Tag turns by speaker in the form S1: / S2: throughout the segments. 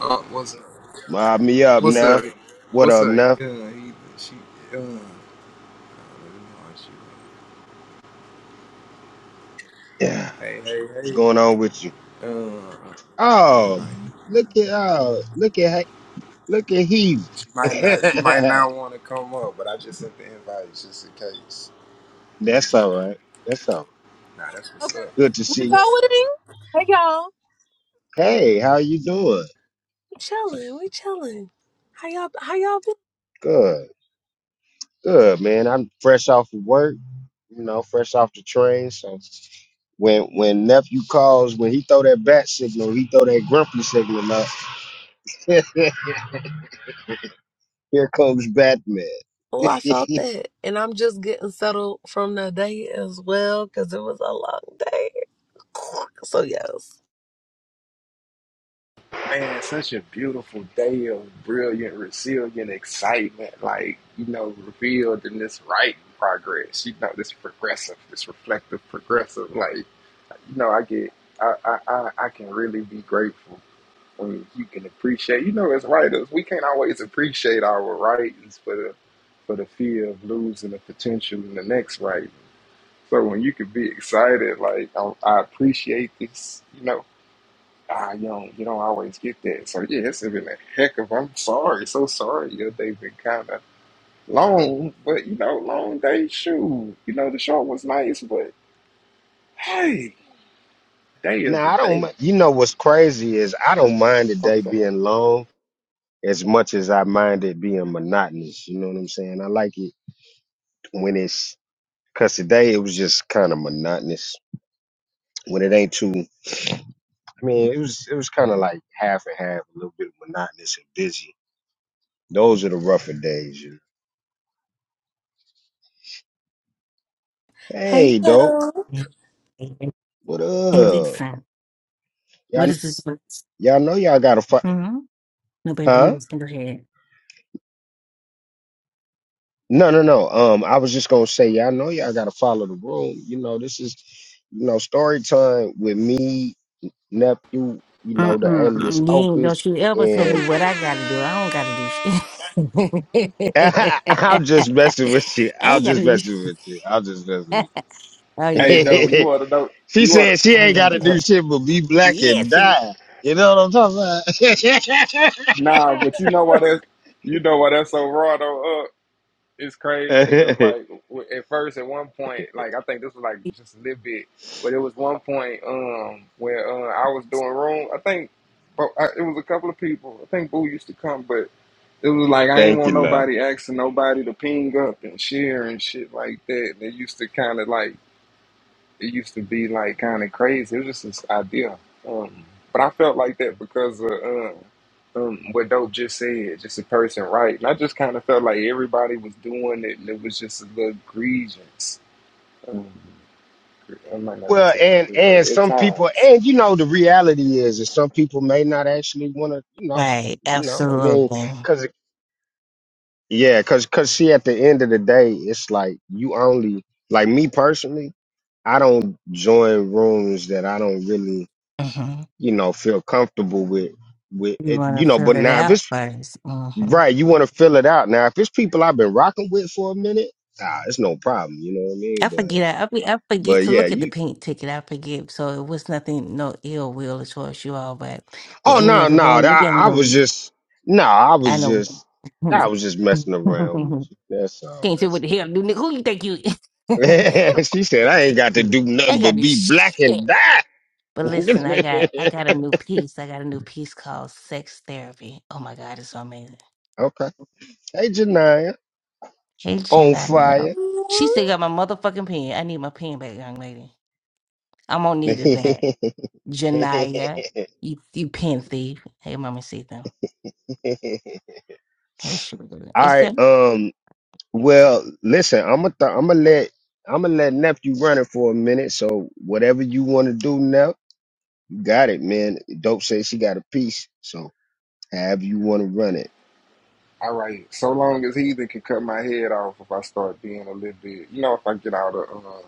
S1: Uh, what's up?
S2: Mob me up,
S1: What's
S2: Neff.
S1: up?
S2: What
S1: What's
S2: up,
S1: up? Uh,
S2: Neff?
S1: he, she, uh, I don't know how she,
S2: Yeah.
S1: hey, hey, hey.
S2: What's going on with you?
S1: Uh, yeah,
S2: Oh,
S1: right.
S2: look at oh, look at look at he.
S1: She might not, she might not want to come up, but I just sent the invite just in case.
S2: That's
S1: Um,
S2: all right. That's all right.
S1: Nah, that's what's
S3: Okay,
S1: up.
S3: we,
S2: Good to
S3: we
S2: see. you.
S3: poeting. Hey y'all,
S2: Hey, how you doing?
S3: we chilling. We chilling. How y'all? How y'all been?
S2: Good. Good, man. I'm fresh off of work, you know, fresh off the train. So when when nephew calls, when he throw that bat signal, he throw that grumpy signal up. Here comes Batman.
S3: Oh, I felt that, and I'm just getting settled from the day as well because it was a long day. So yes.
S1: Man, such a beautiful day of brilliant, resilient excitement, like, you know, revealed in this writing progress, you know, this progressive, this reflective progressive, like, you know, I get, I, I, I, I can really be grateful when you can appreciate. You know, as writers, we can't always appreciate our writings for the for the fear of losing the potential in the next writing. So when you can be excited, like I, I appreciate this, you know, ah, you don't you don't always get that. So yeah, it's been a heck of. I'm sorry, so sorry. Your day's been kind of long, but you know, long day. Shoot, you know, the short was nice, but hey, day is
S2: Now
S1: a
S2: I don't.
S1: day.
S2: mi- You know what's crazy is I
S1: man.
S2: don't mind the
S1: I'm
S2: day
S1: sorry.
S2: being long as much as I mind it being monotonous. You know what I'm saying? I like it when it's because today it was just kind of monotonous. When it ain't too, I mean, it was it was kind of like half and half, a little bit monotonous and busy. Those are the rougher days. You know?
S3: Hey
S2: Hey, dope.
S3: y'all.
S4: Heavy
S2: What up?
S4: fat. What
S2: Y'all,
S4: is this? Mm-hmm.
S2: y'all know y'all got to fight,
S4: No, baby, I'm
S2: huh?
S4: just
S2: No, no, no. Um, I was just gonna say, y'all know y'all gotta follow the room. You know, this is, you know, story time with me, nephew. You know, the alias
S4: Mm-mm. You ain't, don't
S2: Opus,
S4: you ever tell me
S2: and
S4: what I gotta do. I don't gotta do shit.
S2: I'm
S4: I
S2: just messing with you. I'm
S4: ain't
S2: just
S4: gotta do
S2: messing
S4: shit.
S2: with you. I'm just messing
S4: oh,
S2: with
S4: you
S1: Hey, though, you
S2: you.
S4: kidding.
S1: want to know?
S2: she
S1: You want
S2: said she
S4: I ain't
S2: ain't
S4: gotta
S2: gotta
S4: do
S1: to?
S2: do
S4: shit.
S2: shit but be black and
S4: Listen.
S2: die. You know what I'm talking about?
S1: Nah, but you know why that's you know why that's so raw though. Uh, it's crazy because like w- at first at one point like I think this was like just a little bit, but it was one point um where uh, I was doing room. I think, but I, it was a couple of people. I think Boo used to come, but it was like I ain't
S2: Thank you,
S1: want
S2: love.
S1: nobody asking nobody to ping up and share and shit like that. They used to kind of like it used to be like kind of crazy. It was just this idea. Um, but I felt like that because of um, um, what Dope just said, just a person, right? And I just kind of felt like everybody was doing it and it was just a little grievance. Um, I might not be
S2: Well,
S1: saying it
S2: and
S1: really right
S2: and
S1: at
S2: some people,
S1: times.
S2: and you know, the reality is that some people may not actually want to, you know,
S4: Right,
S2: you know. I mean,
S4: absolutely.
S2: cause it- yeah, cause cause see, at the end of the day, it's like you only like me personally. I don't join rooms that I don't really,
S4: hmm
S2: you know, feel comfortable with. With
S4: You
S2: it,
S4: wanna
S2: you know,
S4: fill
S2: but
S4: it
S2: now if
S4: out
S2: it's
S4: 1st
S2: right, you want to fill it out. Now if it's people I've been rocking with for a minute, ah, it's no problem. You know what I
S4: I
S2: mean? But
S4: forget. I, be- I forget
S2: but
S4: to
S2: yeah,
S4: look at the
S2: you
S4: pink ticket. I forget. So it was nothing, no ill will towards you all, but but
S2: Oh
S4: any
S2: no,
S4: other
S2: no,
S4: wrong, you
S2: that
S4: ain't
S2: I
S4: know
S2: was
S4: me.
S2: just no, I
S4: I
S2: was
S4: know.
S2: just I was just messing around with you. That's all.
S4: Can't say what
S2: That's
S4: the
S2: all.
S4: hell, new nigga. Who you think you? is? Who
S2: she said I ain't got to
S4: the-
S2: do
S4: I
S2: nothing
S4: ain't
S2: but
S4: got new
S2: be black
S4: shit.
S2: and die.
S4: But listen, I
S2: okay.
S4: got I got a new piece. I got a new piece called Sex Therapy. Oh my God, it's so amazing.
S2: Hey Janaya,
S4: Hey,
S2: on
S4: Jenna.
S2: fire.
S4: She still got my motherfucking pen. I need my pen back, young lady. I'm gonna
S2: all
S4: need it back. Janaya, you you pen thief. Hey, Mama Sita. Hey, Sugar. Is
S2: right.
S4: that
S2: Um. Well, listen. I'm gonna. Th- I'm gonna let. I'm gonna let nephew run it for a minute. So whatever you want to do now, you got it, man. Dope says she got a piece. So. However you want to run it.
S1: All right, so long as Heathen can cut my head off if I start being a little bit, you know, if I get out of. Uh,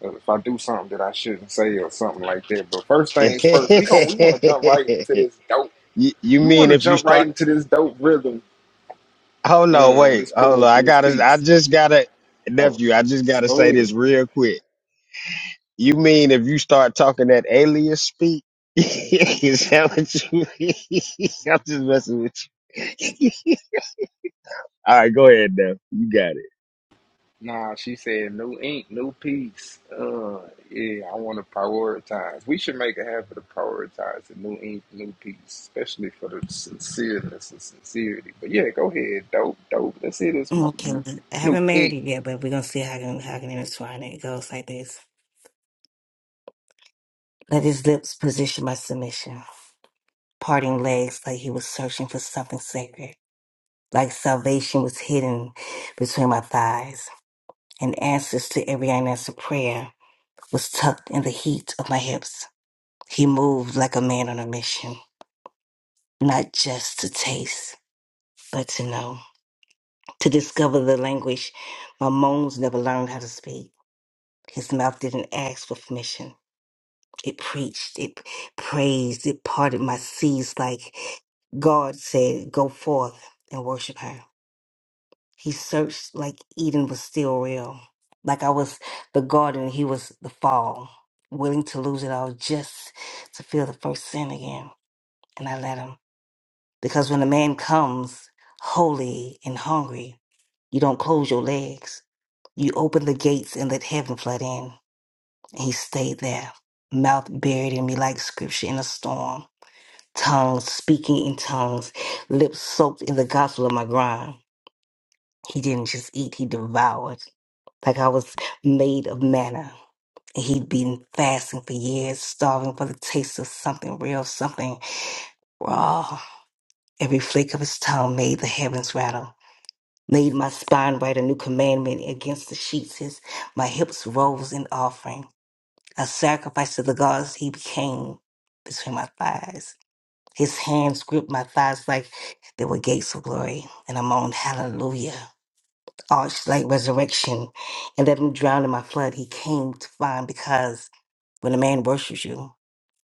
S1: if I do something that I shouldn't say or something like that. But first things first, we going we want to jump right into this dope
S2: you, you
S1: You want
S2: mean
S1: to
S2: if you
S1: jump right
S2: start?
S1: into this dope rhythm,
S2: Hold on,
S1: uh,
S2: wait,
S1: this
S2: hold on. I
S1: poetry, this
S2: gotta. I
S1: piece.
S2: just gotta,
S1: Oh,
S2: nephew. I just gotta
S1: go
S2: say this
S1: ahead.
S2: real quick. You mean if you start talking that alias speak? Is that what you mean? I'm just messing with you. All right, go ahead, now. You got it.
S1: Nah, she said, no ink, no peace. Uh, yeah, I want to prioritize. We should make a habit of prioritizing new ink, new peace, especially for the sincereness and sincerity. But yeah, go ahead. Dope, dope. Let's hear this mo-
S4: okay? I
S1: new
S4: haven't married
S1: ink.
S4: it yet, but we're gonna see how I can how I can intertwine it. It goes like this: Let his lips position my submission, parting legs like he was searching for something sacred, like salvation was hidden between my thighs, and answers to every unanswered prayer was tucked in the heat of my hips. He moved like a man on a mission, not just to taste, but to know, to discover the language my moans never learned how to speak. His mouth didn't ask for permission. It preached, it praised, it parted my seas like God said, Go forth and worship her. He searched like Eden was still real, like I was the garden, he was the fall, willing to lose it all just to feel the first sin again. And I let him. Because when a man comes holy and hungry, you don't close your legs. You open the gates and let heaven flood in. And he stayed there, mouth buried in me like scripture in a storm, tongues speaking in tongues, lips soaked in the gospel of my grind. He didn't just eat, he devoured. Like I was made of manna. And he'd been fasting for years, starving for the taste of something real, something raw. Every flake of his tongue made the heavens rattle. Made my spine write a new commandment against the sheets. His, my hips rose in offering. A sacrifice to the gods he became between my thighs. His hands gripped my thighs like they were gates of glory. And I moaned, Hallelujah. Arched like resurrection. And let him drown in my flood. He came to find because when a man worships you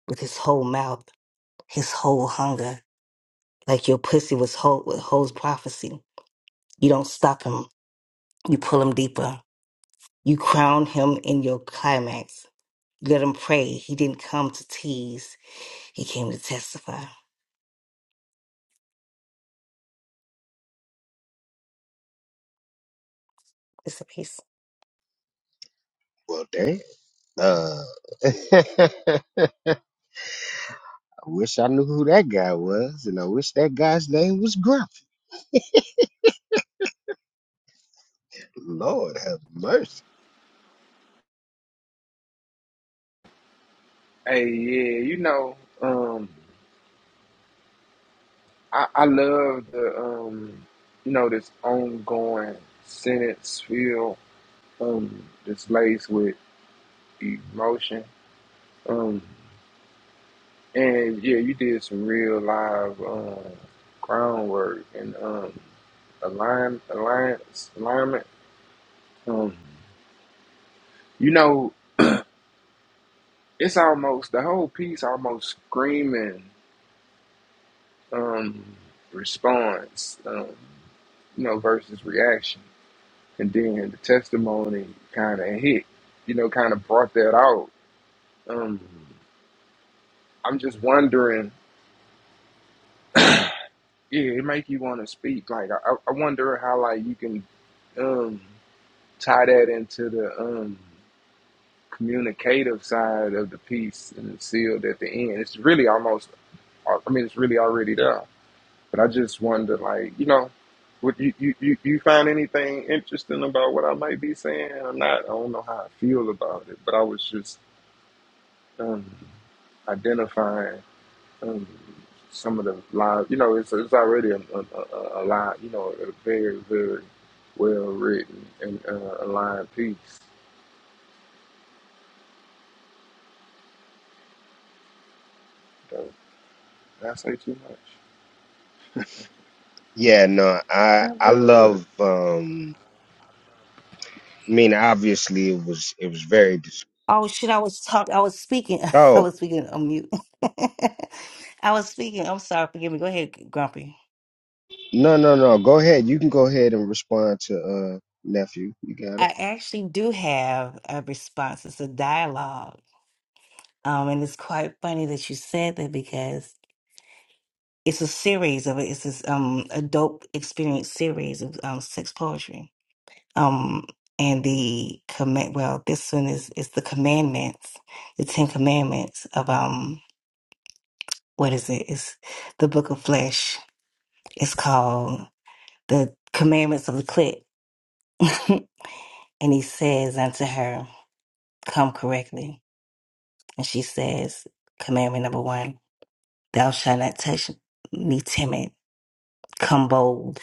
S4: with his whole mouth, his whole hunger, like your pussy was whole with whole prophecy, you don't stop him. You pull him deeper. You crown him in your climax. let him pray. He didn't come to tease. He came to testify. It's a piece.
S2: Well, damn. Uh, I wish I knew who that guy was, and I wish that guy's name was Gruff. Lord have mercy.
S1: Hey, yeah, you know, um, I, I love the, um, you know, this ongoing sentence feel. um displays with emotion. Um and yeah, you did some real live um crown work and um align alliance alignment. Um you know, it's almost the whole piece almost screaming um response, um, you know, versus reaction. And then the testimony kinda hit, you know, kinda brought that out. Um I'm just wondering yeah, it make you want to speak. Like I, I wonder how like you can um, tie that into the um, communicative side of the piece and it's sealed at the end. It's really almost. uh, I mean, it's really already there. But I just wonder, like you know, would you you you, you find anything interesting about what I might be saying? I'm not. I don't know how I feel about it, but I was just um, identifying um, some of the lines. You know, it's it's already a, a, a, a line. You know, a very very well written and uh, aligned piece. So, did I say too much?
S2: Yeah, no, I I
S1: Never.
S2: love um I mean obviously it was it was very dis-
S4: Oh shit, I was talking I was speaking. I
S2: Oh,
S4: was speaking on mute. I was speaking. I'm sorry, forgive me. Go ahead, Grumpy.
S2: no no no, go ahead. You can go ahead and respond to uh nephew. You got it.
S4: I actually do have a response. It's a dialogue. Um, and it's quite funny that you said that because it's a series of it. It's this um adult experience series of um sex poetry. um and the command well this one is is the commandments the ten commandments of um what is it it's the book of flesh it's called the commandments of the clit and he says unto her come correctly and she says commandment number one thou shalt not touch me timid come bold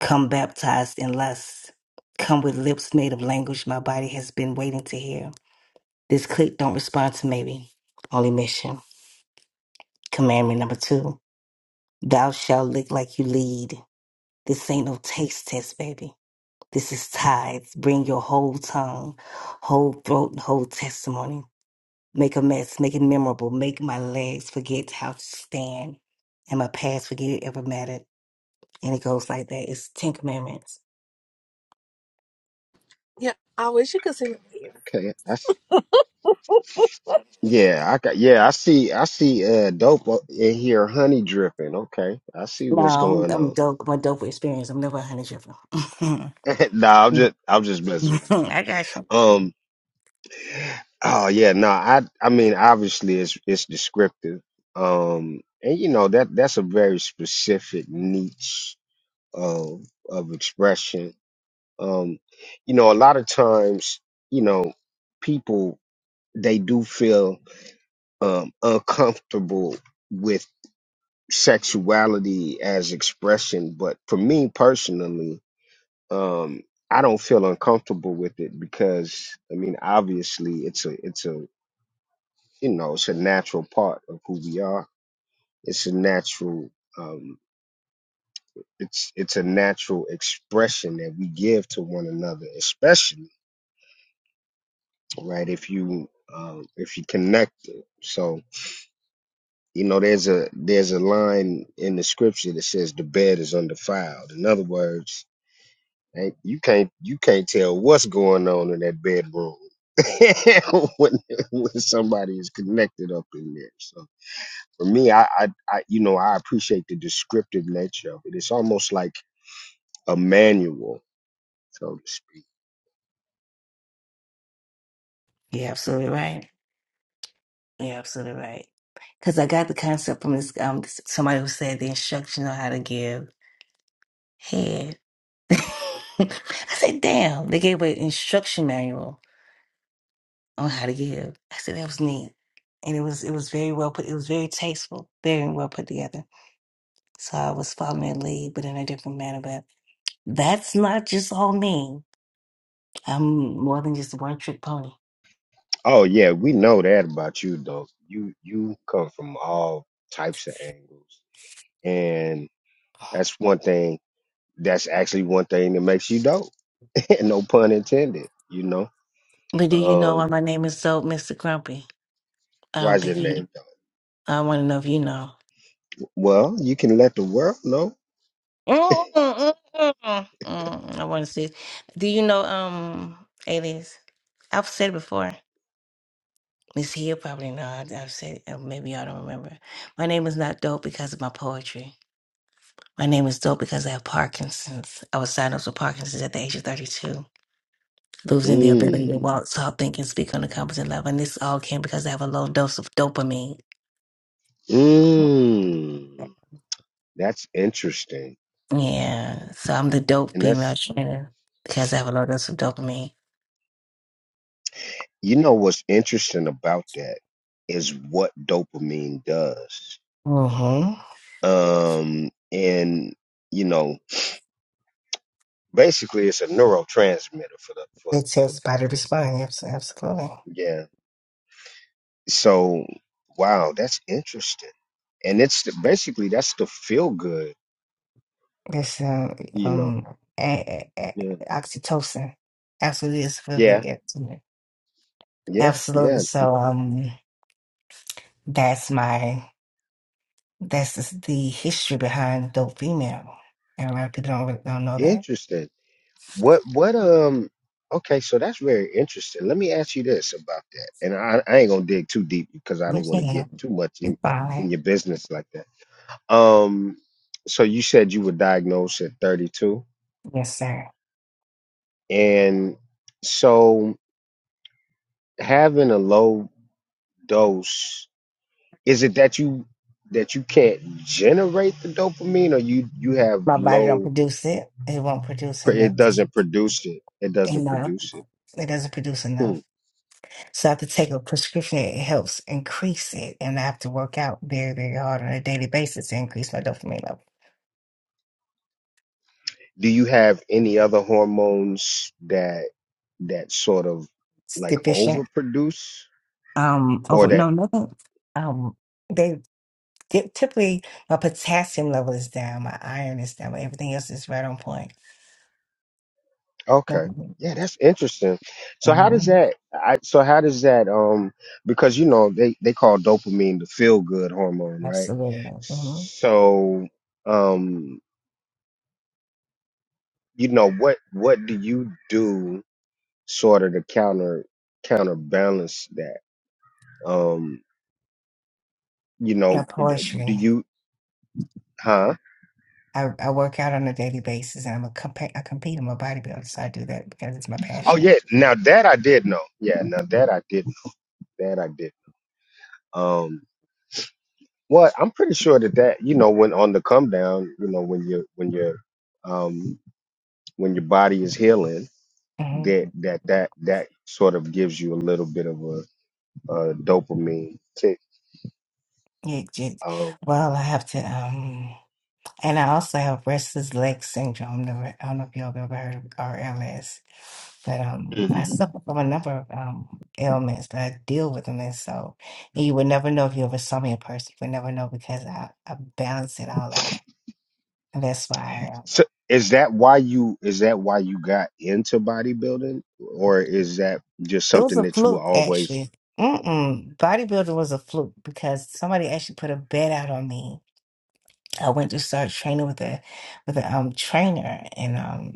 S4: come baptized in lust come with lips made of language my body has been waiting to hear This clique don't respond to maybe. Only mission. Commandment number two. Thou shalt look like you lead. This ain't no taste test, baby. This is tithes. Bring your whole tongue, whole throat, and whole testimony. Make a mess, make it memorable. Make my legs forget how to stand. And my past forget it ever mattered. And it goes like that. It's Ten Commandments.
S3: Yeah, I wish you could see me.
S2: Okay. I s- yeah, I got yeah, I see I see uh dope o- in here honey dripping. Okay. I see
S4: No,
S2: what's
S4: I'm,
S2: going
S4: I'm
S2: on.
S4: dope. I'm a dope with experience. I'm never a hundred dripper.
S2: no, I'm just I'm just messing with you.
S4: I got you.
S2: Um oh yeah, no, I I mean obviously it's it's descriptive. Um and you know that that's a very specific niche of of expression. Um, you know, a lot of times, you know, people they do feel um, uncomfortable with sexuality as expression, but for me personally, um, I don't feel uncomfortable with it because I mean, obviously, it's a it's a you know it's a natural part of who we are. It's a natural um, it's it's a natural expression that we give to one another, especially right? If you um, if you connect it, so you know there's a there's a line in the scripture that says the bed is undefiled. In other words, ain't- you can't you can't tell what's going on in that bedroom when, when somebody is connected up in there. So for me, I, I I you know I appreciate the descriptive nature of it. It's almost like a manual, so to speak.
S4: You're absolutely right. You're absolutely right. Because I got the concept from this um somebody who said the instruction on how to give head. I said, damn, they gave an instruction manual on how to give. I said that was neat. And it was it was very well put it was very tasteful, very well put together. So I was following that lead, but in a different manner. But that's not just all me. I'm more than just one trick pony.
S2: Oh yeah, we know that about you though. You you come from all types of angles And that's one thing. That's actually one thing that makes you dope. no pun intended. You know.
S4: But do you know why
S2: Um,
S4: my name is so Mr. Grumpy? I don't
S2: why's your
S4: think
S2: name
S4: you
S2: dope?
S4: I wanna know if you know.
S2: Well, you can let the world know.
S4: Mm, mm, mm, mm. Mm, I want to see. Do you know, um, alias? I've said it before. Miss Hill probably know. I- I've said it. or Maybe y'all don't remember. My name is not dope because of my poetry. My name is dope because I have Parkinson's. I was diagnosed with Parkinson's at the age of 32, losing the ability to
S2: Mm.
S4: walk, talk, think, and speak on a competent level. And this all came because I have a low dose of dopamine.
S2: Mm. That's interesting.
S4: Yeah, so I'm the dope
S2: And
S4: female
S2: that's
S4: trainer because I have a low dose of dopamine.
S2: you know what's interesting about that is what dopamine does.
S4: Mm-hmm.
S2: Um, and you know, basically, it's a neurotransmitter for the for
S4: It's
S2: for
S4: helps body
S2: for
S4: respond. Yes, absolutely.
S2: yeah So, wow, that's interesting. And it's the, basically that's the feel good,
S4: This um,
S2: you know.
S4: um a- a- a-
S2: Yeah.
S4: oxytocin absolutely it's for good.
S2: Yeah.
S4: estimate.
S2: Yeah.
S4: Absolutely.
S2: Yeah.
S4: So um, that's my that's the the history behind dope female. And a lot of people don't really- don't know that.
S2: Interesting. What what um okay, so that's very interesting. Let me ask you this about that. And I, I ain't gonna dig too deep because I
S4: You
S2: don't want to get
S4: can.
S2: too much
S4: It's
S2: in, in
S4: fine.
S2: your business like that. Um so you said you were diagnosed at 32
S4: Yes, sir.
S2: and so having a low dose Is it that you that you can't generate the dopamine, or you you have
S4: My body don't
S2: low?
S4: produce it. It won't produce enough.
S2: It doesn't produce it. It doesn't
S4: Enough.
S2: produce it.
S4: It doesn't produce
S2: Hmm.
S4: enough. So I have to take a prescription. It helps increase it. And I have to work out very, very hard on a daily basis to increase my dopamine level.
S2: Do you have any other hormones that that sort of
S4: It's
S2: like
S4: deficient.
S2: overproduce
S4: Um,
S2: or
S4: over,
S2: that?
S4: no, nothing. Um, they get typically my potassium level is down, my iron is down, but everything else is right on point.
S2: Okay,
S4: Mhm.
S2: yeah, that's interesting. So how does
S4: Mhm.
S2: that? I, so how does that? Um, because you know they they call dopamine the feel good hormone, right?
S4: Absolutely. hmm
S2: So. um you know what what do you do sort of to counter counterbalance that um you
S4: My
S2: know d- do
S4: poetry.
S2: you huh
S4: I, I work out on a daily basis and I'm a compa- I compete. I'm a bodybuilder, so I do that because it's my
S2: oh
S4: passion.
S2: yeah now that i did know yeah now that i did that i did um well i'm pretty sure that that you know when on the come down you know when you when you're um when your body is healing
S4: hmm
S2: that that that that sort of gives you a little bit of a, a dopamine kick
S4: It just,
S2: um
S4: well, I have to. Um, And I also have restless leg syndrome. Never, I don't know if y'all have ever heard of RLS, but um, I suffer from a number of um ailments, but I deal with them. And so, and you would never know if you ever saw me in person. You would never know because I, I balance it all out, and that's why I, um,
S2: So is that why you is that why you got into bodybuilding, or is that just
S4: it was
S2: something
S4: a
S2: that you were
S4: fluke
S2: always?
S4: actually. Mm-mm. Bodybuilding was a fluke because somebody actually put a bet out on me. I went to start training with a with a um trainer, and um.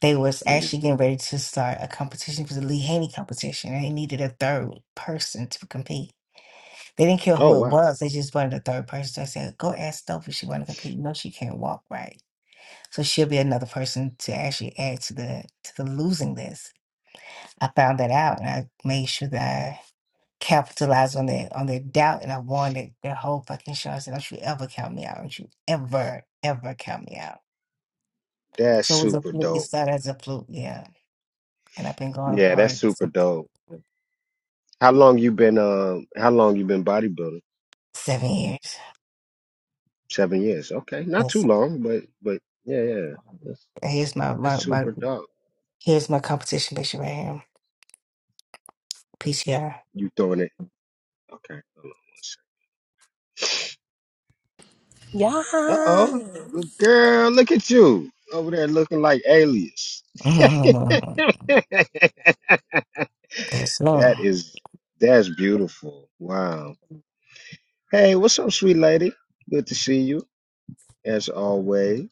S4: they was actually
S2: Mhm.
S4: getting ready to start a competition. It was a Lee Haney competition, and they needed a third person to compete. They didn't care
S2: Oh
S4: who it
S2: wow,
S4: was; they just wanted a third person. So I said, "Go ask Stoph if she want to compete. No, she can't walk right, so she'll be another person to actually add to the to the losing list." I found that out, and I made sure that I capitalized on their on their doubt, and I won their, their whole fucking show. I said, "Don't you ever count me out? Don't you ever ever count me out?"
S2: that's
S4: So it was a
S2: super
S4: fluke. It
S2: dope.
S4: started as a fluke, yeah, and I've been going
S2: Yeah, that's
S4: hard.
S2: super dope. How long you been? Um, how long you been bodybuilding?
S4: seven years.
S2: Seven years. Okay, not
S4: And
S2: too
S4: so,
S2: long, but but yeah, yeah, that's,
S4: here's my,
S2: that's
S4: my, my
S2: super dope.
S4: here's my competition picture right here. PTR.
S2: You throwing it? Okay, hold on one second.
S3: Yeah.
S2: Uh oh, well, girl, look at you over there looking like Alias.
S4: That's me.
S2: That is that's beautiful. Wow. Hey, what's up, sweet lady? Good to see you as always.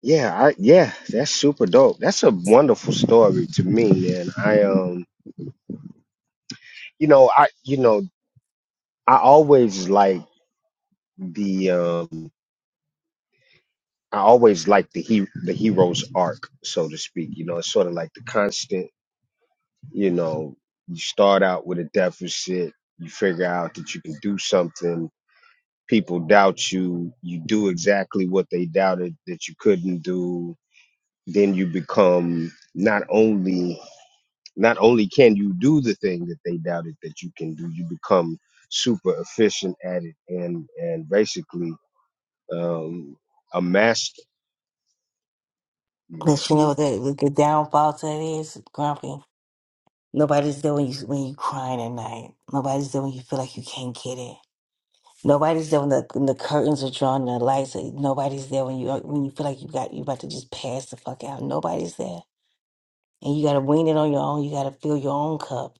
S2: Yeah, I yeah, that's super dope. That's a wonderful story to me, man. I um you know, I you know, I always like the um I always like the he the hero's arc, so to speak. You know, it's sort of like the constant, you know, you start out with a deficit, you figure out that you can do something, people doubt you you do exactly what they doubted that you couldn't do then you become not only not only can you do the thing that they doubted that you can do you become super efficient at it and and basically um a master you know
S4: But you know what the, the downfall to that is, Grumpy. Nobody's there when you when you crying at night. Nobody's there when you feel like you can't get it. Nobody's there when the, when the curtains are drawn, and the lights. Are, nobody's there when you when you feel like you got you about to just pass the fuck out. Nobody's there, and you got to wing it on your own. You got to fill your own cup.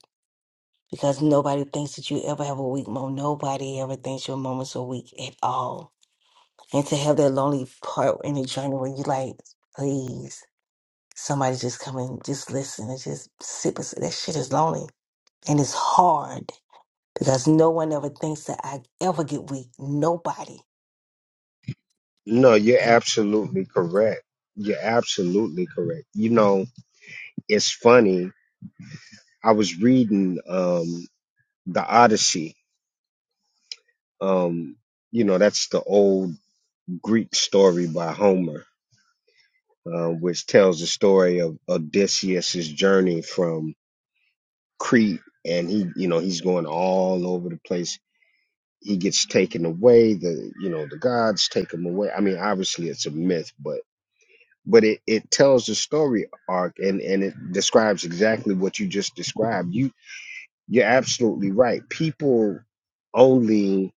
S4: because nobody thinks that you ever have a weak moment. Nobody ever thinks your moments are weak at all. And to have that lonely part in the journey where you like, please, somebody just come and just listen and just sit beside that shit is lonely. And it's hard because no one ever thinks that I ever get weak. Nobody.
S2: no you're
S4: And
S2: absolutely correct you're absolutely correct you know it's funny i was reading um the odyssey um you know that's the old Greek story by Homer, uh, which tells the story of Odysseus's journey from Crete, and he, you know, he's going all over the place. He gets taken away. The, you know, the gods take him away. I mean, obviously it's a myth, but but it, it tells the story arc and and it describes exactly what you just described. You you're absolutely right. People only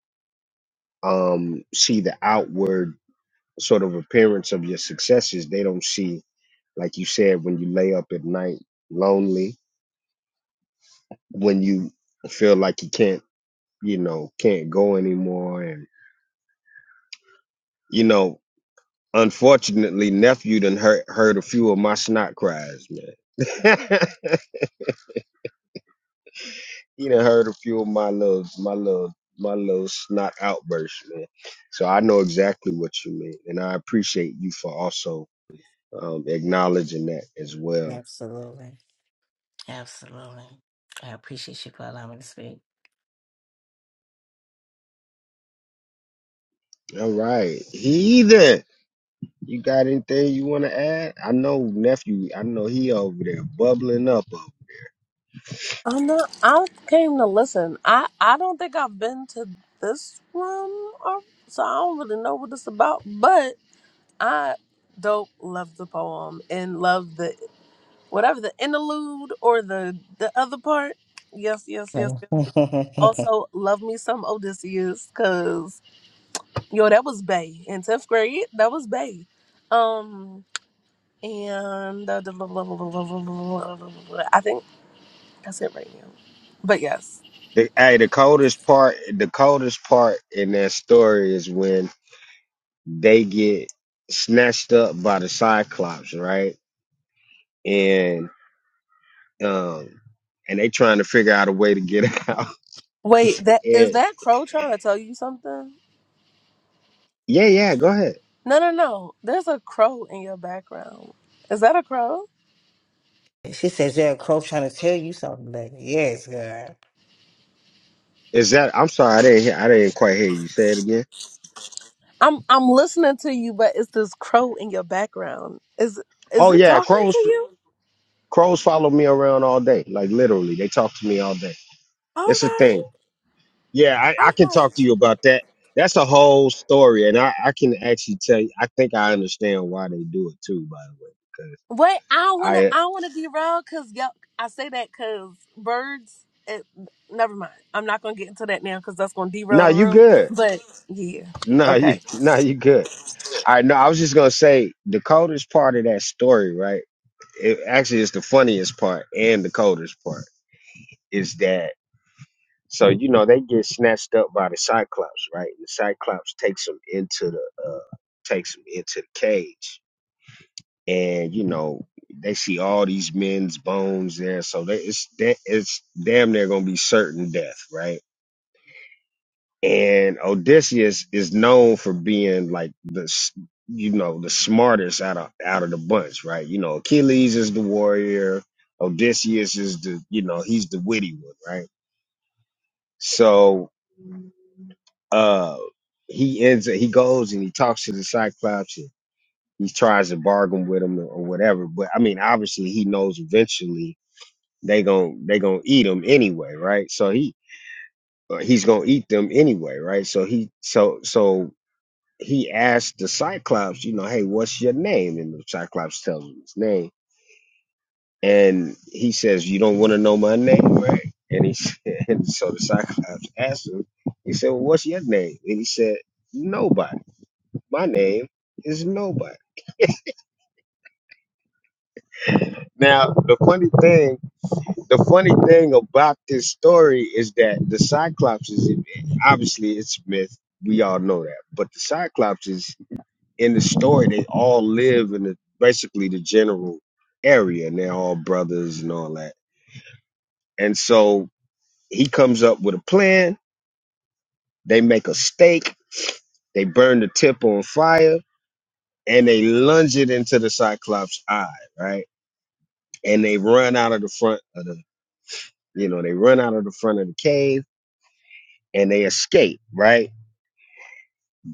S2: um see the outward sort of appearance of your successes. They don't see Like you said, when you lay up at night lonely, when you feel like you can't, you know, can't go anymore. And, you know, unfortunately, nephew done heard, heard a few of my snot cries, man. he done heard a few of my little, my little, my little snot outbursts, man. So I know exactly what you mean. And I appreciate you for also um, acknowledging that as well.
S4: absolutely. Absolutely. I appreciate you for allowing me to speak.
S2: All right. Heathen. You got anything you want to add? I know nephew. I know he over there bubbling up. Over.
S3: I'm not. I came to listen. I I don't think I've been to this room, or, so I don't really know what it's about. but. I don't love the poem and love the whatever the interlude or the the other part. Yes, yes, yes. yes. yes. Also, love me some Odysseus, cause yo, that was Bay in tenth grade. That was Bay. Um, and uh, I think that's it right now. But yes,
S2: The hey, the coldest part, the coldest part in that story is when they get snatched up by the Cyclops, right? And um, and they trying to figure out a way to get out.
S3: wait, that is
S2: And
S3: that crow trying to tell you something?
S2: yeah, yeah, go ahead.
S3: No, no, no. There's a crow in your background. Is that a crow?
S4: she says, "There, a crow trying to tell you something." Like, yes, girl.
S2: Is that? I'm sorry, I didn't. Hear, I didn't quite hear you say it again.
S3: I'm I'm listening to you, but it's this crow in your background. Is is
S2: Oh
S3: it
S2: yeah,
S3: talking to
S2: crows.
S3: you?
S2: Crows follow me around all day. Like literally, they talk to me all day. It's a thing.
S3: Okay,
S2: Yeah, I, I can
S3: okay.
S2: talk to you about that. That's a whole story, and I, I can actually tell you. I think I understand why they do it too. By the way, because
S3: Wait, I don't wanna
S2: I
S3: I don't wanna be rude because yo, I say that because birds. It, never mind. I'm not gonna get into that now because that's gonna derail
S2: no,
S3: the
S2: you
S3: room.
S2: good.
S3: But yeah,
S2: No, you
S3: okay.
S2: no, you good. I know. I was just gonna say the coldest part of that story, right? It actually is the funniest part and the coldest part is that. So you know they get snatched up by the Cyclops, right? And the Cyclops takes them into the uh, takes them into the cage, and you know they see all these men's bones there, so they, it's that it's damn near gonna be certain death, right? And Odysseus is known for being like the s- you know the smartest out of out of the bunch, right? You know Achilles is the warrior, Odysseus is the you know he's the witty one, right? So uh he ends up he goes and he talks to the Cyclops and he tries to bargain with him or whatever, but I mean obviously he knows eventually they gon' they gonna eat him anyway, right? So he uh, he's gonna eat them anyway, right? So he so so he asked the Cyclops, you know, hey, what's your name? And the Cyclops tells him his name, and he says, you don't want to know my name, right? And he said, and so the Cyclops asked him, he said, well, what's your name? And he said, nobody. My name is nobody. Now the funny thing the funny thing about this story is that the Cyclops is obviously it's a myth. We all know that. But the Cyclops is in the story, they all live in the, basically the general area and they're all brothers and all that. And so he comes up with a plan. They make a stake, they burn the tip on fire, and they lunge it into the Cyclops' eye, right? And they run out of the front of the, you know, they run out of the front of the cave and they escape, right?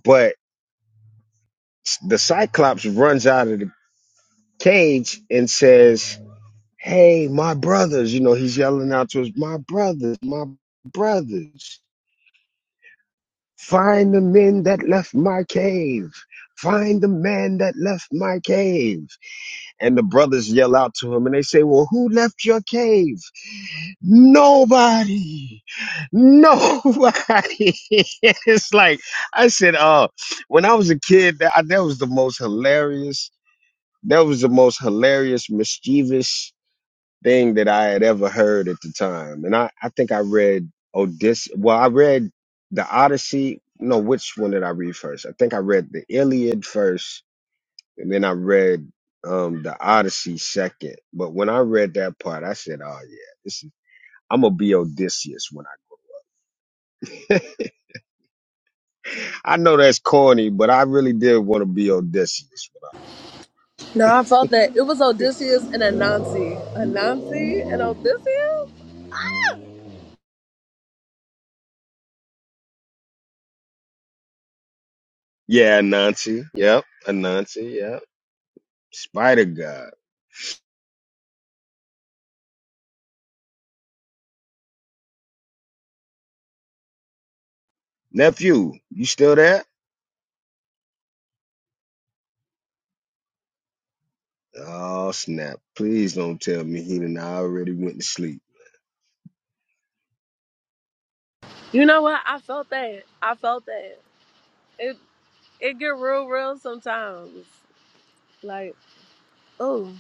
S2: But the Cyclops runs out of the cage and says, Hey, my brothers. You know, he's yelling out to us, My brothers, my brothers, find the men that left my cave. Find the man that left my cave. And the brothers yell out to him and they say, Well, who left your cave? Nobody. Nobody. it's like, I said, uh, when I was a kid, that, that was the most hilarious That was the most hilarious, mischievous thing that I had ever heard at the time. And I, I think I read Odyssey. Well, I read the Odyssey. No, which one did I read first? I think I read the Iliad first, and then I read um the Odyssey second. But when I read that part, I said, "Oh yeah, this is." I'm gonna be Odysseus when I. I know that's corny, but I really did want to be Odysseus when I.
S3: No, I felt that it was Odysseus and Anansi, Anansi and Odysseus.
S2: Yeah, Anansi. Yep, Anansi. Yep, Spider God. Nephew, you still there? Oh snap! Please don't tell me he and I already went to sleep.
S3: You know what? I felt that. I felt that. It it get real real sometimes. Like oh.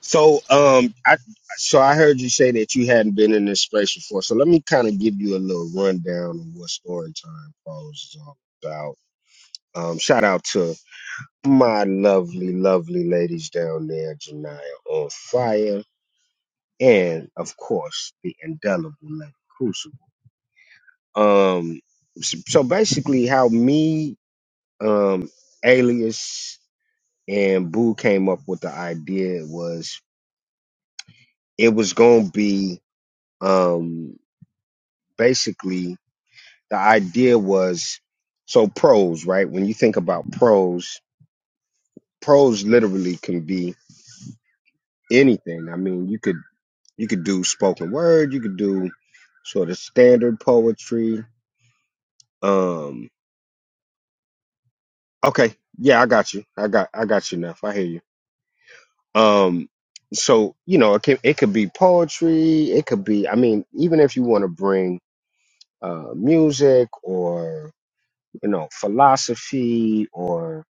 S2: So um, I so I heard you say that you hadn't been in this space before. So let me kind of give you a little rundown of what story time pros is all about. Um, shout out to my lovely, lovely ladies down there, Janaya on fire, and of course the indelible lady Crucible. Um, so so basically, how me um alias. and Boo came up with the idea was it was going to be um basically the idea was so prose, right? When you think about prose, prose literally can be anything. I mean, you could you could do spoken word, you could do sort of standard poetry. Um okay, yeah, I got you. I got I got you enough. I hear you. Um so, you know, it can it could be poetry, it could be I mean, even if you want to bring uh, music or you know philosophy or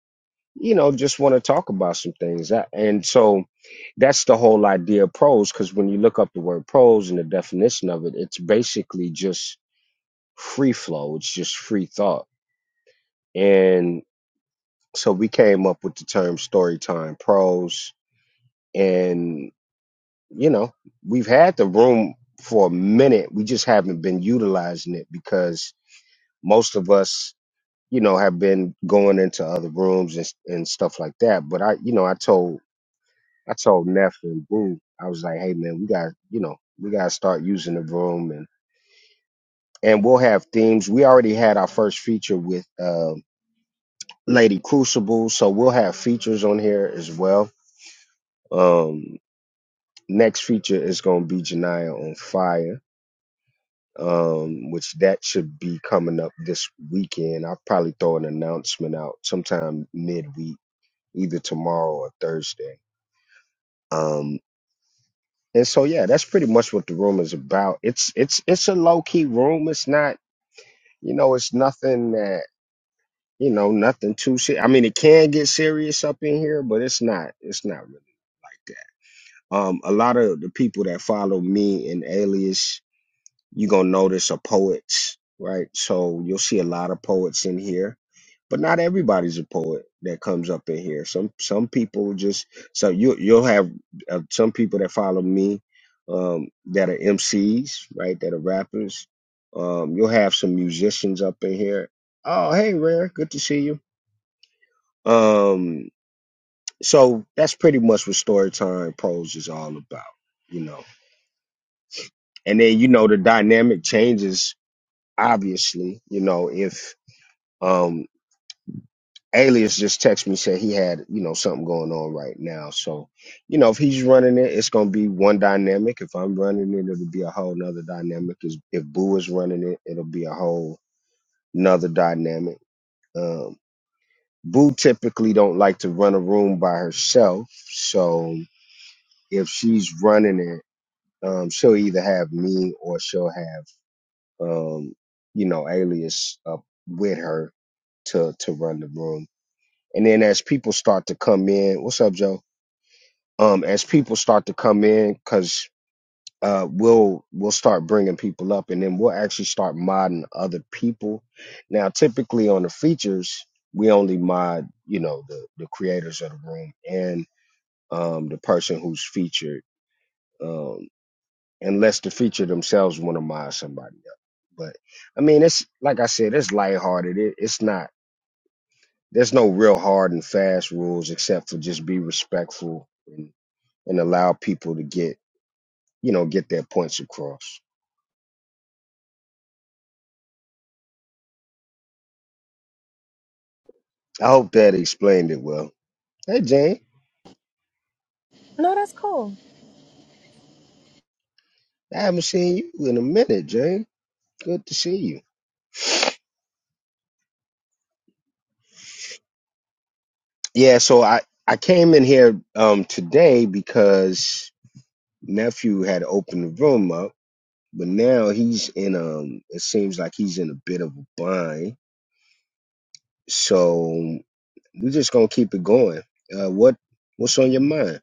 S2: you know just want to talk about some things That- and so that's the whole idea of prose because when you look up the word prose and the definition of it it's basically just free flow it's just free thought and so we came up with the term storytime prose and you know we've had the room for a minute we just haven't been utilizing it because most of us you know, have been going into other rooms and, and stuff like that. But I, you know, I told, I told Neff and Boo, I was like, hey man, we got, you know, we got to start using the room and, and we'll have themes. We already had our first feature with, um, Lady Crucible. So we'll have features on here as well. Um, next feature is going to be Janiyah on fire. Um, which that should be coming up this weekend. I'll probably throw an announcement out sometime midweek, either tomorrow or Thursday Um, and so yeah, that's pretty much what the room is about. It's it's it's a low key room. It's not you know it's nothing that you know nothing too serious. I mean, it can get serious up in here, but it's not it's not really that. Um, a lot of the people that follow me and Alias you're gonna notice are poets, right? So you'll see a lot of poets in here, but not everybody's a poet that comes up in here. Some some people just so you you'll have uh, some people that follow me um, that are MCs, right? That are rappers. Um, you'll have some musicians up in here. Oh, hey, Rare, good to see you. Um, so that's pretty much what Storytime Pros is all about, you know. And then you know the dynamic changes obviously, you know, if um Alias just texted me said he had, you know, something going on right now. So, you know, if he's running it, it's gonna be one dynamic. If I'm running it, it'll be a whole nother dynamic. Is if Boo is running it, it'll be a whole nother dynamic. Um Boo typically don't like to run a room by herself. So if she's running it, um, she'll either have me or she'll have um, you know, alias up with her to to run the room. And then as people start to come in, what's up, Joe? Um, as people start to come in, cause uh, we'll we'll start bringing people up, and then we'll actually start modding other people. Now, typically on the features, we only mod, you know, the the creators of the room and um the person who's featured. Um. unless the feature themselves want to mind somebody up. But I mean, it's like I said, it's lighthearted. It, it's not. There's no real hard and fast rules except for just be respectful and, and allow people to get you know get their points across. I hope that explained it well. Hey Jane,
S3: No, that's cool.
S2: I haven't seen you in a minute, Jane. Good to see you. Yeah, so I I came in here um today because nephew had opened the room up But now he's in um it seems like he's in a bit of a bind. So we're just gonna keep it going. Uh what what's on your mind?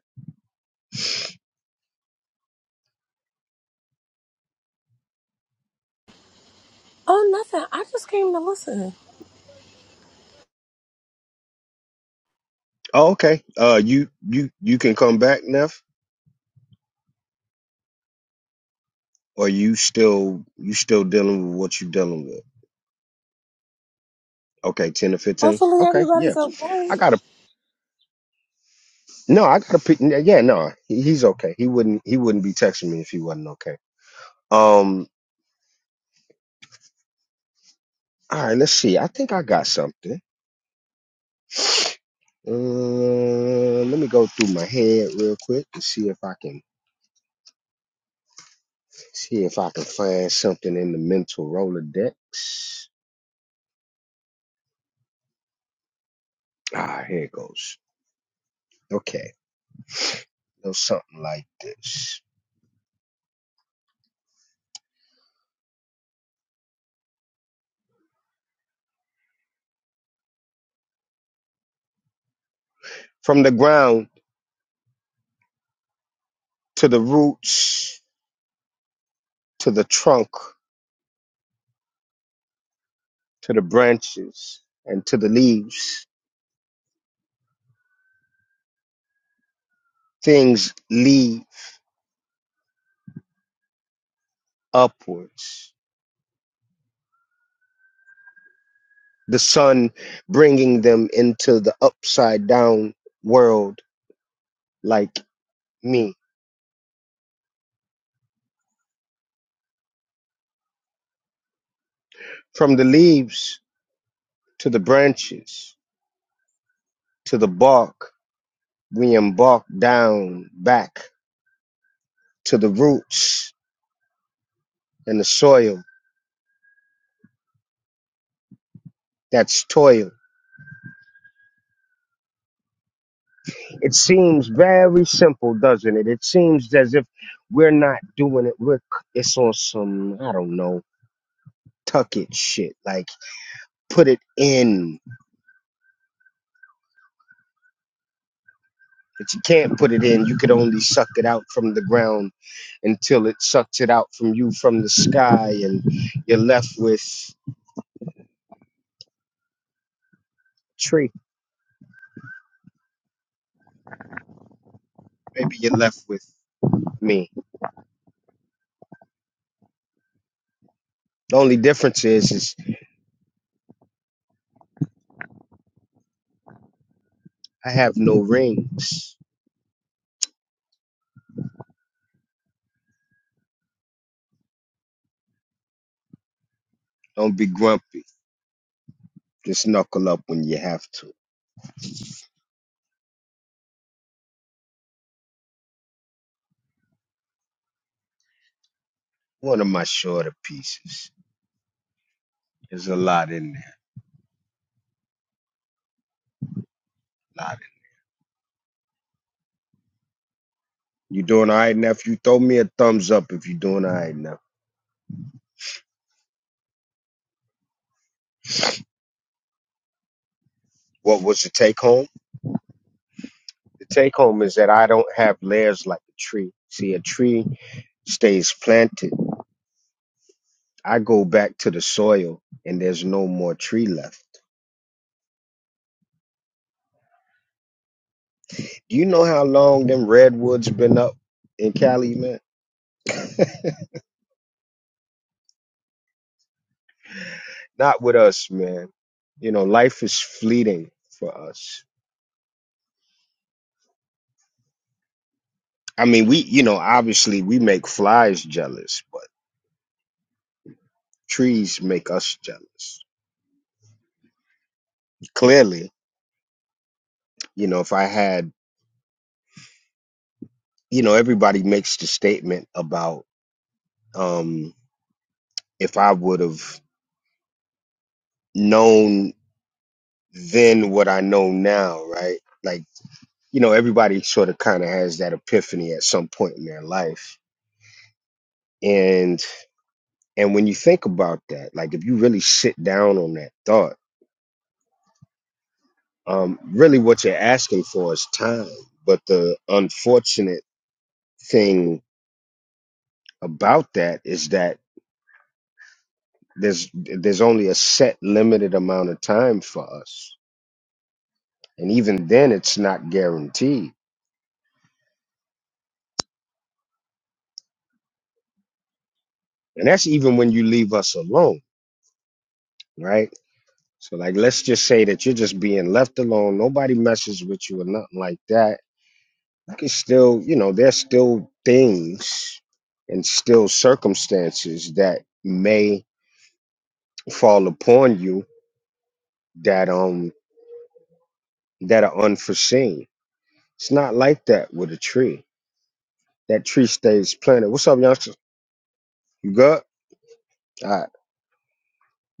S3: Oh, nothing. I just came to listen.
S2: Oh, okay. Uh you you you can come back, Neff, or you still you still dealing with what you're dealing with. Okay, ten or fifteen.
S3: Hopefully
S2: Okay, yeah.
S3: everybody's okay.
S2: I got to no, I got to yeah, no. He, he's okay. He wouldn't he wouldn't be texting me if he wasn't okay. Um all right, let's see. I think I got something. Uh, let me go through my head real quick and see if I can see if I can find something in the mental Rolodex. Ah, here it goes. Okay, it was something like this: from the ground to the roots, to the trunk, to the branches, and to the leaves. Things leave upwards. The sun bringing them into the upside down world like me. From the leaves to the branches, to the bark. We embark down back to the roots and the soil. That's toil. It seems very simple, doesn't it? It seems as if we're not doing it. We're it's on some I don't know tuck it shit. Like put it in, but you can't put it in. You could only suck it out from the ground until it sucks it out from you from the sky, and you're left with a tree. Maybe you're left with me. The only difference is, is I have no rings. Don't be grumpy. Just knuckle up when you have to. One of my shorter pieces. There's a lot in there. lot in You doing all right, nephew? Throw me a thumbs up if you're doing all right, nephew. What was the take home? The take home is that I don't have layers like a tree. See, a tree stays planted. I go back to the soil and there's no more tree left. Do you know how long them redwoods been up in Cali, man? Not with us, man. You know, life is fleeting for us. I mean, we, you know, obviously we make flies jealous, but trees make us jealous. Clearly, you know, if I had, you know, everybody makes the statement about um if I would have known then what I know now, right? Like, you know, everybody sort of kind of has that epiphany at some point in their life. And and when you think about that, like if you really sit down on that thought, Um, really, what you're asking for is time. But the unfortunate thing about that is that there's there's only a set limited amount of time for us, and even then, it's not guaranteed. And that's even when you leave us alone, right? So, like, let's just say that you're just being left alone. Nobody messes with you or nothing like that. You can still, you know, there's still things and still circumstances that may fall upon you that um that are unforeseen. It's not like that with a tree. That tree stays planted. What's up, youngster? You good? All right.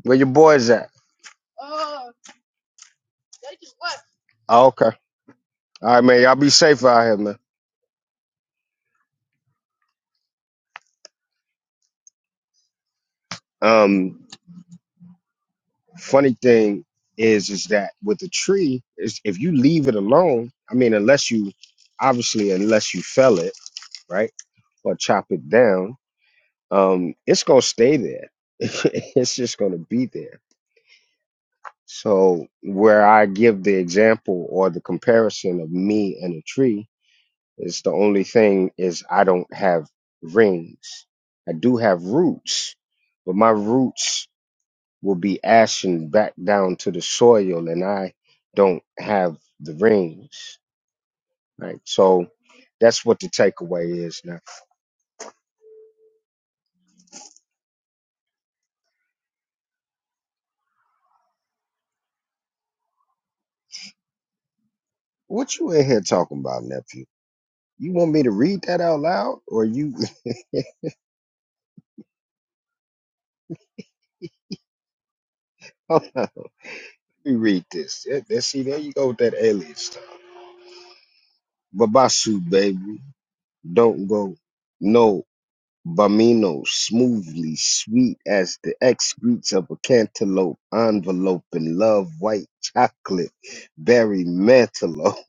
S2: Where your boys at? Oh, okay. All right, man. Y'all be safe out here, man. Um, funny thing is, is that with a tree, is if you leave it alone, I mean, unless you, obviously, unless you fell it, right, or chop it down, um, it's gonna stay there. it's just gonna be there So where I give the example or the comparison of me and a tree is the only thing is I don't have rings. I do have roots, but my roots will be ashen back down to the soil and I don't have the rings. Right. So that's what the takeaway is now. What you in here talking about, nephew? You want me to read that out loud or you hold on, Let me read this. Yeah, there- See, there you go with that alias. Babasu, baby. Don't go. No, Bamino, smoothly, sweet as the excretes of a cantaloupe, envelope in love, white chocolate, berry mantelope.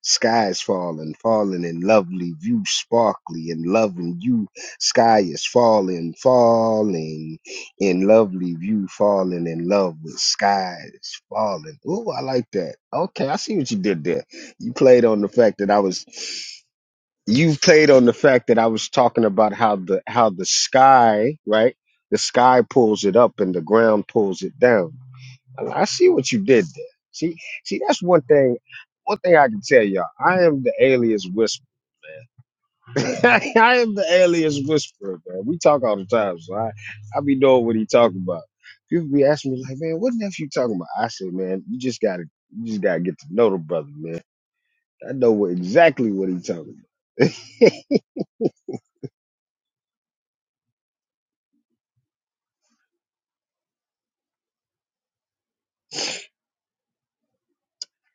S2: Sky's falling, falling in lovely view, sparkly in loving you. Sky is falling, falling in lovely view, falling in love with skies falling. Ooh, I like that. Okay, I see what you did there. You played on the fact that I was you played on the fact that I was talking about how the how the sky, right? The sky pulls it up and the ground pulls it down. I I see what you did there. See, see, that's one thing. One thing I can tell y'all, I am the alias whisperer. I am the alias whisperer, man. We talk all the time, so I, I be knowing what he talking about. People be asking me like, man, what nephew you talking about? I say, man, you just gotta, you just gotta get to know the brother, man. I know what, exactly what he talking about.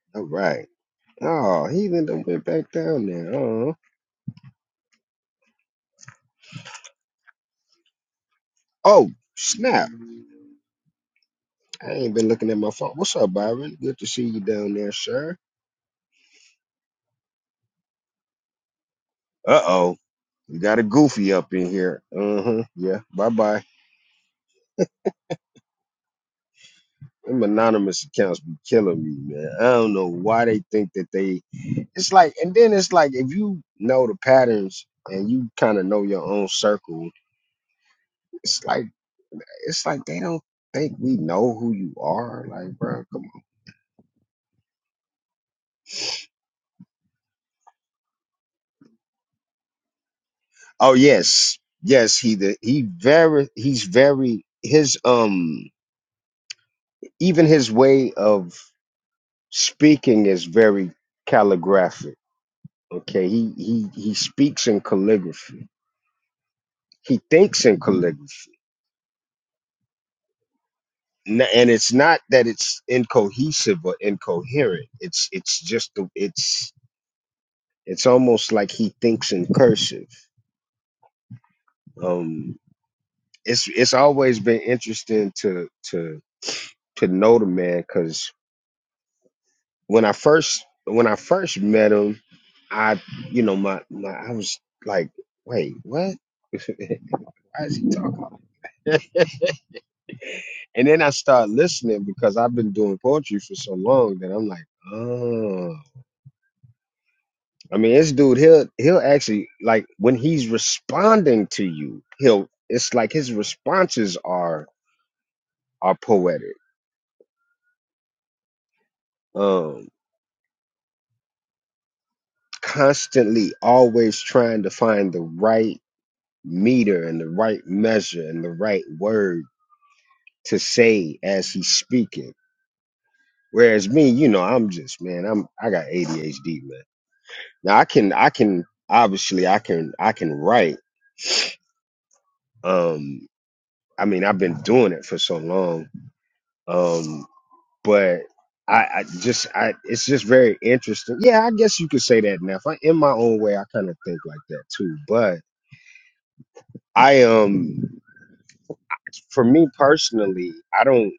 S2: All right. Oh, he then done went back down there. Uh-huh. Oh, snap. I ain't been looking at my phone. What's up, Byron? Good to see you down there, sir. Uh-oh. We got a goofy up in here. Uh-huh. Yeah. Bye-bye. Them anonymous accounts be killing me, man. I don't know why they think that they it's like and then it's like if you know the patterns and you kind of know your own circle, it's like it's like they don't think we know who you are. Like, bro, come on. Oh yes, yes. He the he very he's very his um even his way of speaking is very calligraphic. Okay, he he he speaks in calligraphy. He thinks in calligraphy, N- and it's not that it's incohesive or incoherent. It's it's just the it's it's almost like he thinks in cursive. Um, it's it's always been interesting to to to know the man because when I first when I first met him, I you know my, my I was like, wait, what? Why is he talking? and then I start listening because I've been doing poetry for so long that I'm like, oh. I mean, this dude, he'll he'll actually like when he's responding to you, he'll it's like his responses are are poetic. Um, constantly, always trying to find the right meter and the right measure and the right word to say as he's speaking. Whereas me, you know, I'm just man, I'm I got ADHD, man. Now I can I can obviously I can I can write. Um I mean I've been doing it for so long. Um but I, I just I it's just very interesting. Yeah, I guess you could say that now. If I in my own way I kind of think like that too. But I um for me personally, I don't.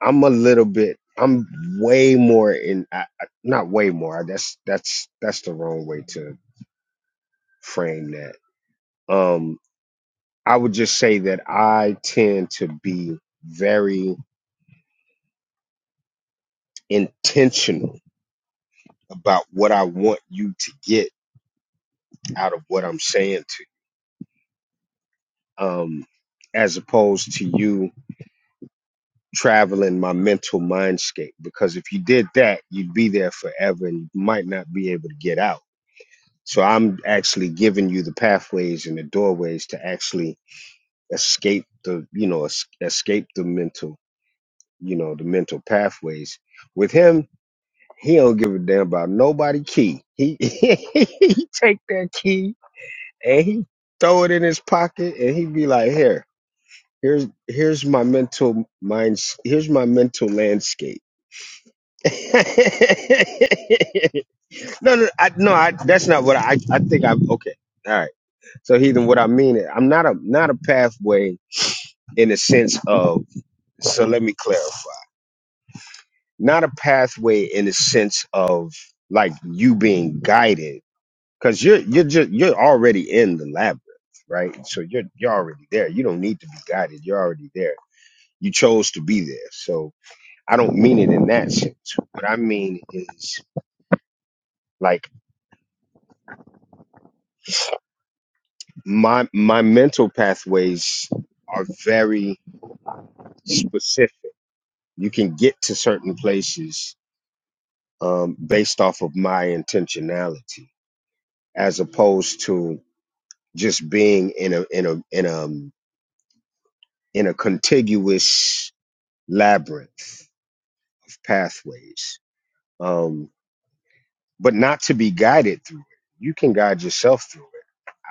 S2: I'm a little bit. I'm way more in. I, I, not way more. That's that's that's the wrong way to frame that. Um, I would just say that I tend to be very intentional about what I want you to get out of what I'm saying to you, um, as opposed to you traveling my mental mindscape. Because if you did that, you'd be there forever and you might not be able to get out So I'm actually giving you the pathways and the doorways to actually escape the, you know, es- escape the mental, you know, the mental pathways. With him, he don't give a damn about nobody key. He he take that key and he throw it in his pocket and he be like, here, here's here's my mental mind, here's my mental landscape. no, no, I, no, I, that's not what I. I think I'm okay. All right. So heathen, what I mean is I'm not a not a pathway in the sense of so let me clarify. Not a pathway in the sense of like you being guided. Cause you're you're just you're already in the labyrinth, right? So you're you're already there. You don't need to be guided. You're already there. You chose to be there. So I don't mean it in that sense. What I mean is like my my mental pathways are very specific. You can get to certain places um, based off of my intentionality, as opposed to just being in a in a in a um, in a contiguous labyrinth of pathways, um, but not to be guided through it. You can guide yourself through it.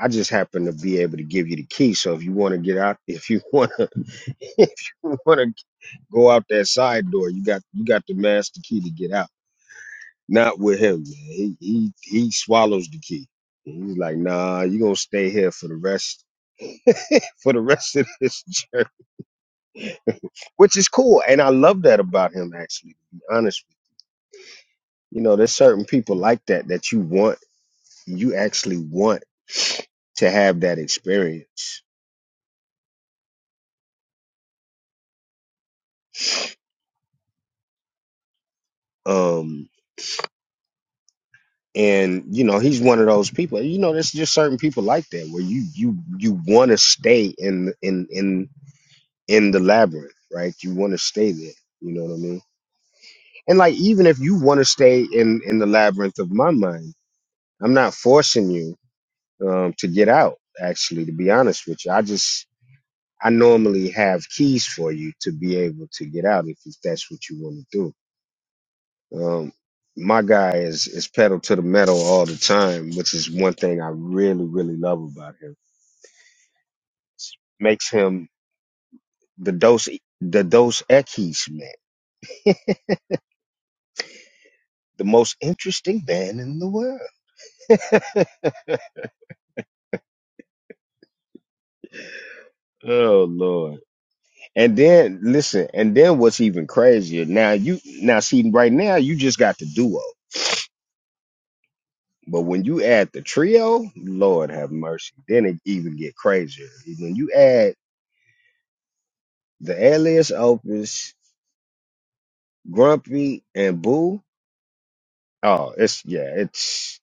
S2: I just happen to be able to give you the key. So if you want to get out, if you want to, if you want to go out that side door, you got you got the master key to get out. Not with him, man. He he he swallows the key. He's like, nah, you gonna stay here for the rest for the rest of this journey, which is cool, and I love that about him. Actually, to be honest, with you You know, there's certain people like that that you want, you actually want to have that experience. Um, and you know, he's one of those people. You know, there's just certain people like that where you you you want to stay in in in in the labyrinth, right? You want to stay there. You know what I mean? and like even if you want to stay in in the labyrinth of my mind i'm not forcing you um to get out actually to be honest with you i just i normally have keys for you to be able to get out if, if that's what you want to do um my guy is is pedal to the metal all the time which is one thing i really really love about him makes him the dose the dose Equis man the most interesting man in the world oh lord And then listen, and then what's even crazier? Now you now see right now you just got the duo, but when you add the trio, Lord have mercy, then it even get crazier. When you add the alias Opus, Grumpy, and Boo, oh, it's yeah, it's.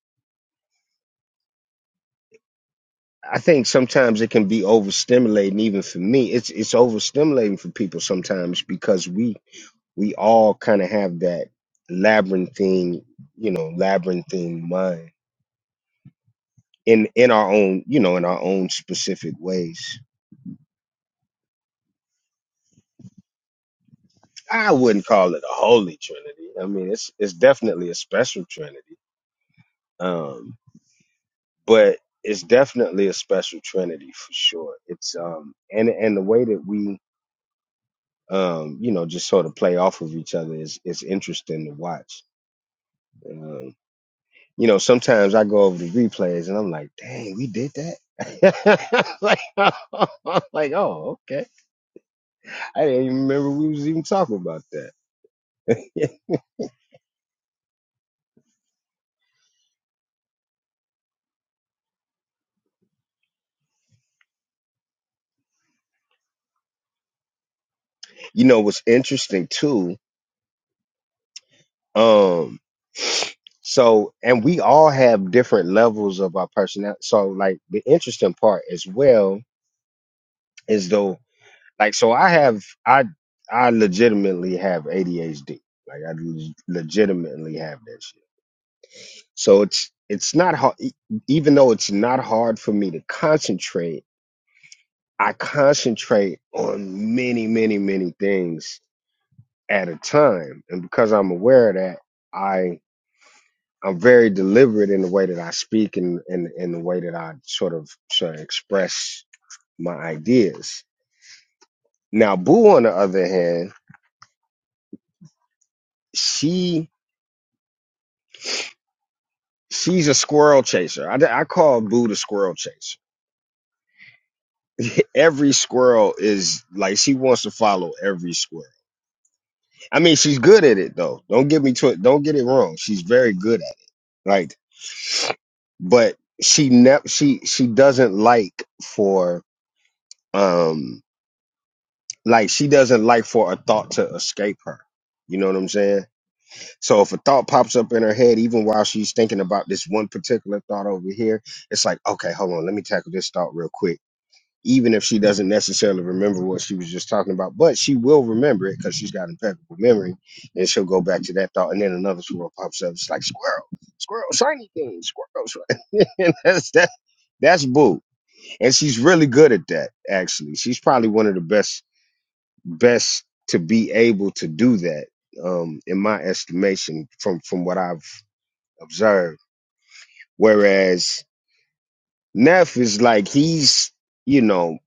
S2: I think sometimes it can be overstimulating, even for me. It's it's overstimulating for people sometimes because we we all kind of have that labyrinthine, you know, labyrinthine mind in in our own you know in our own specific ways i wouldn't call it a holy trinity i mean it's it's definitely a special trinity um but it's definitely a special trinity for sure it's um and and the way that we um you know just sort of play off of each other is is interesting to watch um you know sometimes i go over the replays and i'm like dang we did that like, like oh okay i didn't even remember we was even talking about that you know what's interesting too um so and we all have different levels of our personality so like the interesting part as well is though like so i have i i legitimately have adhd like i leg- legitimately have that shit so it's it's not hard e, even though it's not hard for me to concentrate i concentrate on many many many things at a time and because i'm aware of that I I'm very deliberate in the way that I speak and in, in the way that I sort of sort of express my ideas. Now, Boo, on the other hand, she she's a squirrel chaser. I, I call Boo the squirrel chaser. Every squirrel is like she wants to follow every squirrel. I mean, she's good at it though. Don't get me to it. Don't get it wrong. She's very good at it. Like, but she never she she doesn't like for um like she doesn't like for a thought to escape her. You know what I'm saying? So if a thought pops up in her head, even while she's thinking about this one particular thought over here, it's like, okay, hold on, let me tackle this thought real quick. Even if she doesn't necessarily remember what she was just talking about, but she will remember it because she's got impeccable memory, and she'll go back to that thought, and then another squirrel pops up. It's like squirrel, squirrel, shiny thing, squirrel. shiny." and that's that, that's boo, and she's really good at that. Actually, she's probably one of the best best to be able to do that um in my estimation from from what i've observed whereas neff is like he's you know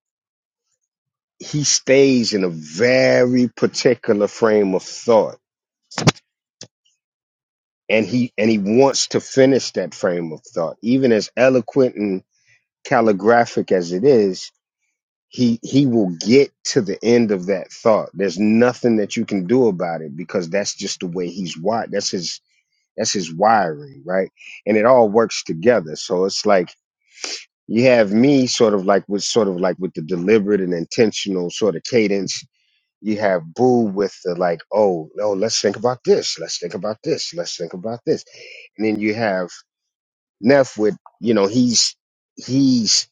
S2: he stays in a very particular frame of thought and he and he wants to finish that frame of thought even as eloquent and calligraphic as it is he he will get to the end of that thought there's nothing that you can do about it because that's just the way he's wired that's his That's his wiring, right? And it all works together. So it's like you have me sort of like with sort of like with the deliberate and intentional sort of cadence. You have Boo with the like, oh no, let's think about this. Let's think about this. Let's think about this. And then you have Neff with, you know, he's he's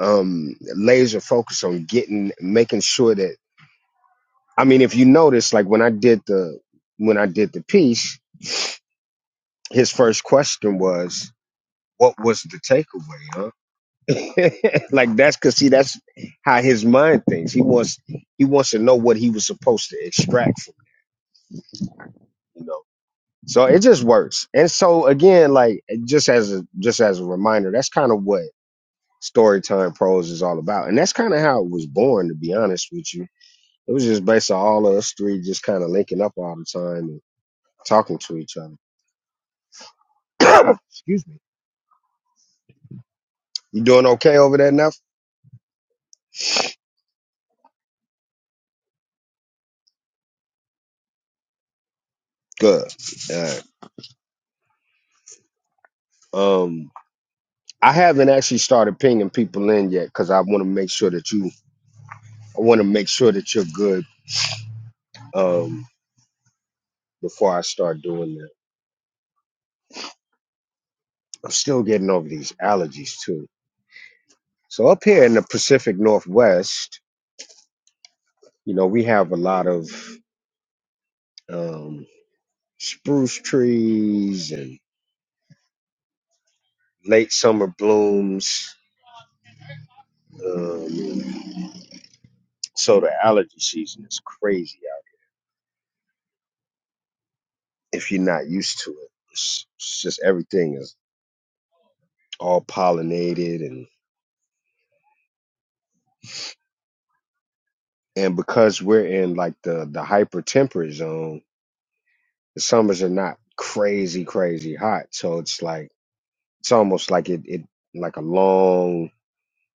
S2: um laser focused on getting making sure that I mean if you notice like when I did the when I did the piece, his first question was, What was the takeaway, huh? like that's because see that's how his mind thinks. He wants he wants to know what he was supposed to extract from it, you know. So it just works. And so again, like just as a just as a reminder, that's kind of what Storytime Pros is all about, and that's kind of how it was born. To be honest with you, it was just based on all of us three just kind of linking up all the time and talking to each other. Excuse me. You doing okay over there now? Good. All right. Um. I haven't actually started pinging people in yet because I want to make sure that you, I want to make sure that you're good um, before I start doing that. I'm still getting over these allergies too. So up here in the Pacific Northwest, you know, we have a lot of um, spruce trees and late summer blooms. Um, so the allergy season is crazy out if you're not used to it. It's, it's just everything is all pollinated and. and because we're in like the the hyper temperate zone, the summers are not crazy crazy hot. So it's like it's almost like it it like a long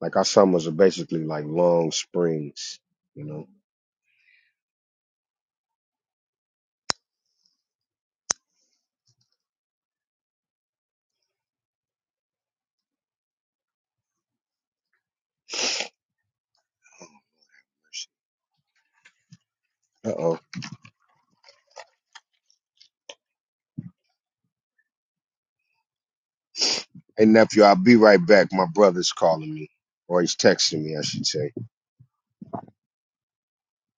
S2: like our summers are basically like long springs, you know. Uh oh. Hey nephew, I'll be right back. My brother's calling me, or he's texting me, I should say.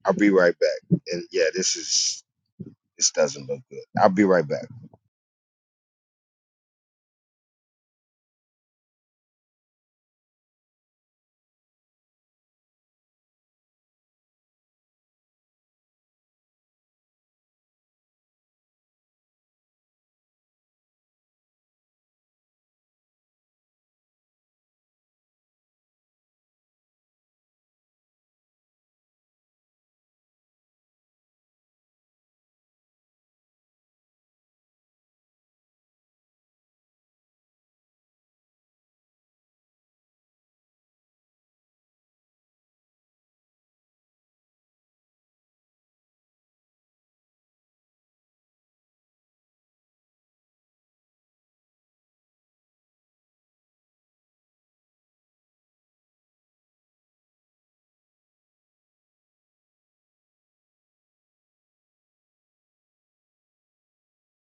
S2: I'll be right back. And yeah, this is this doesn't look good. I'll be right back.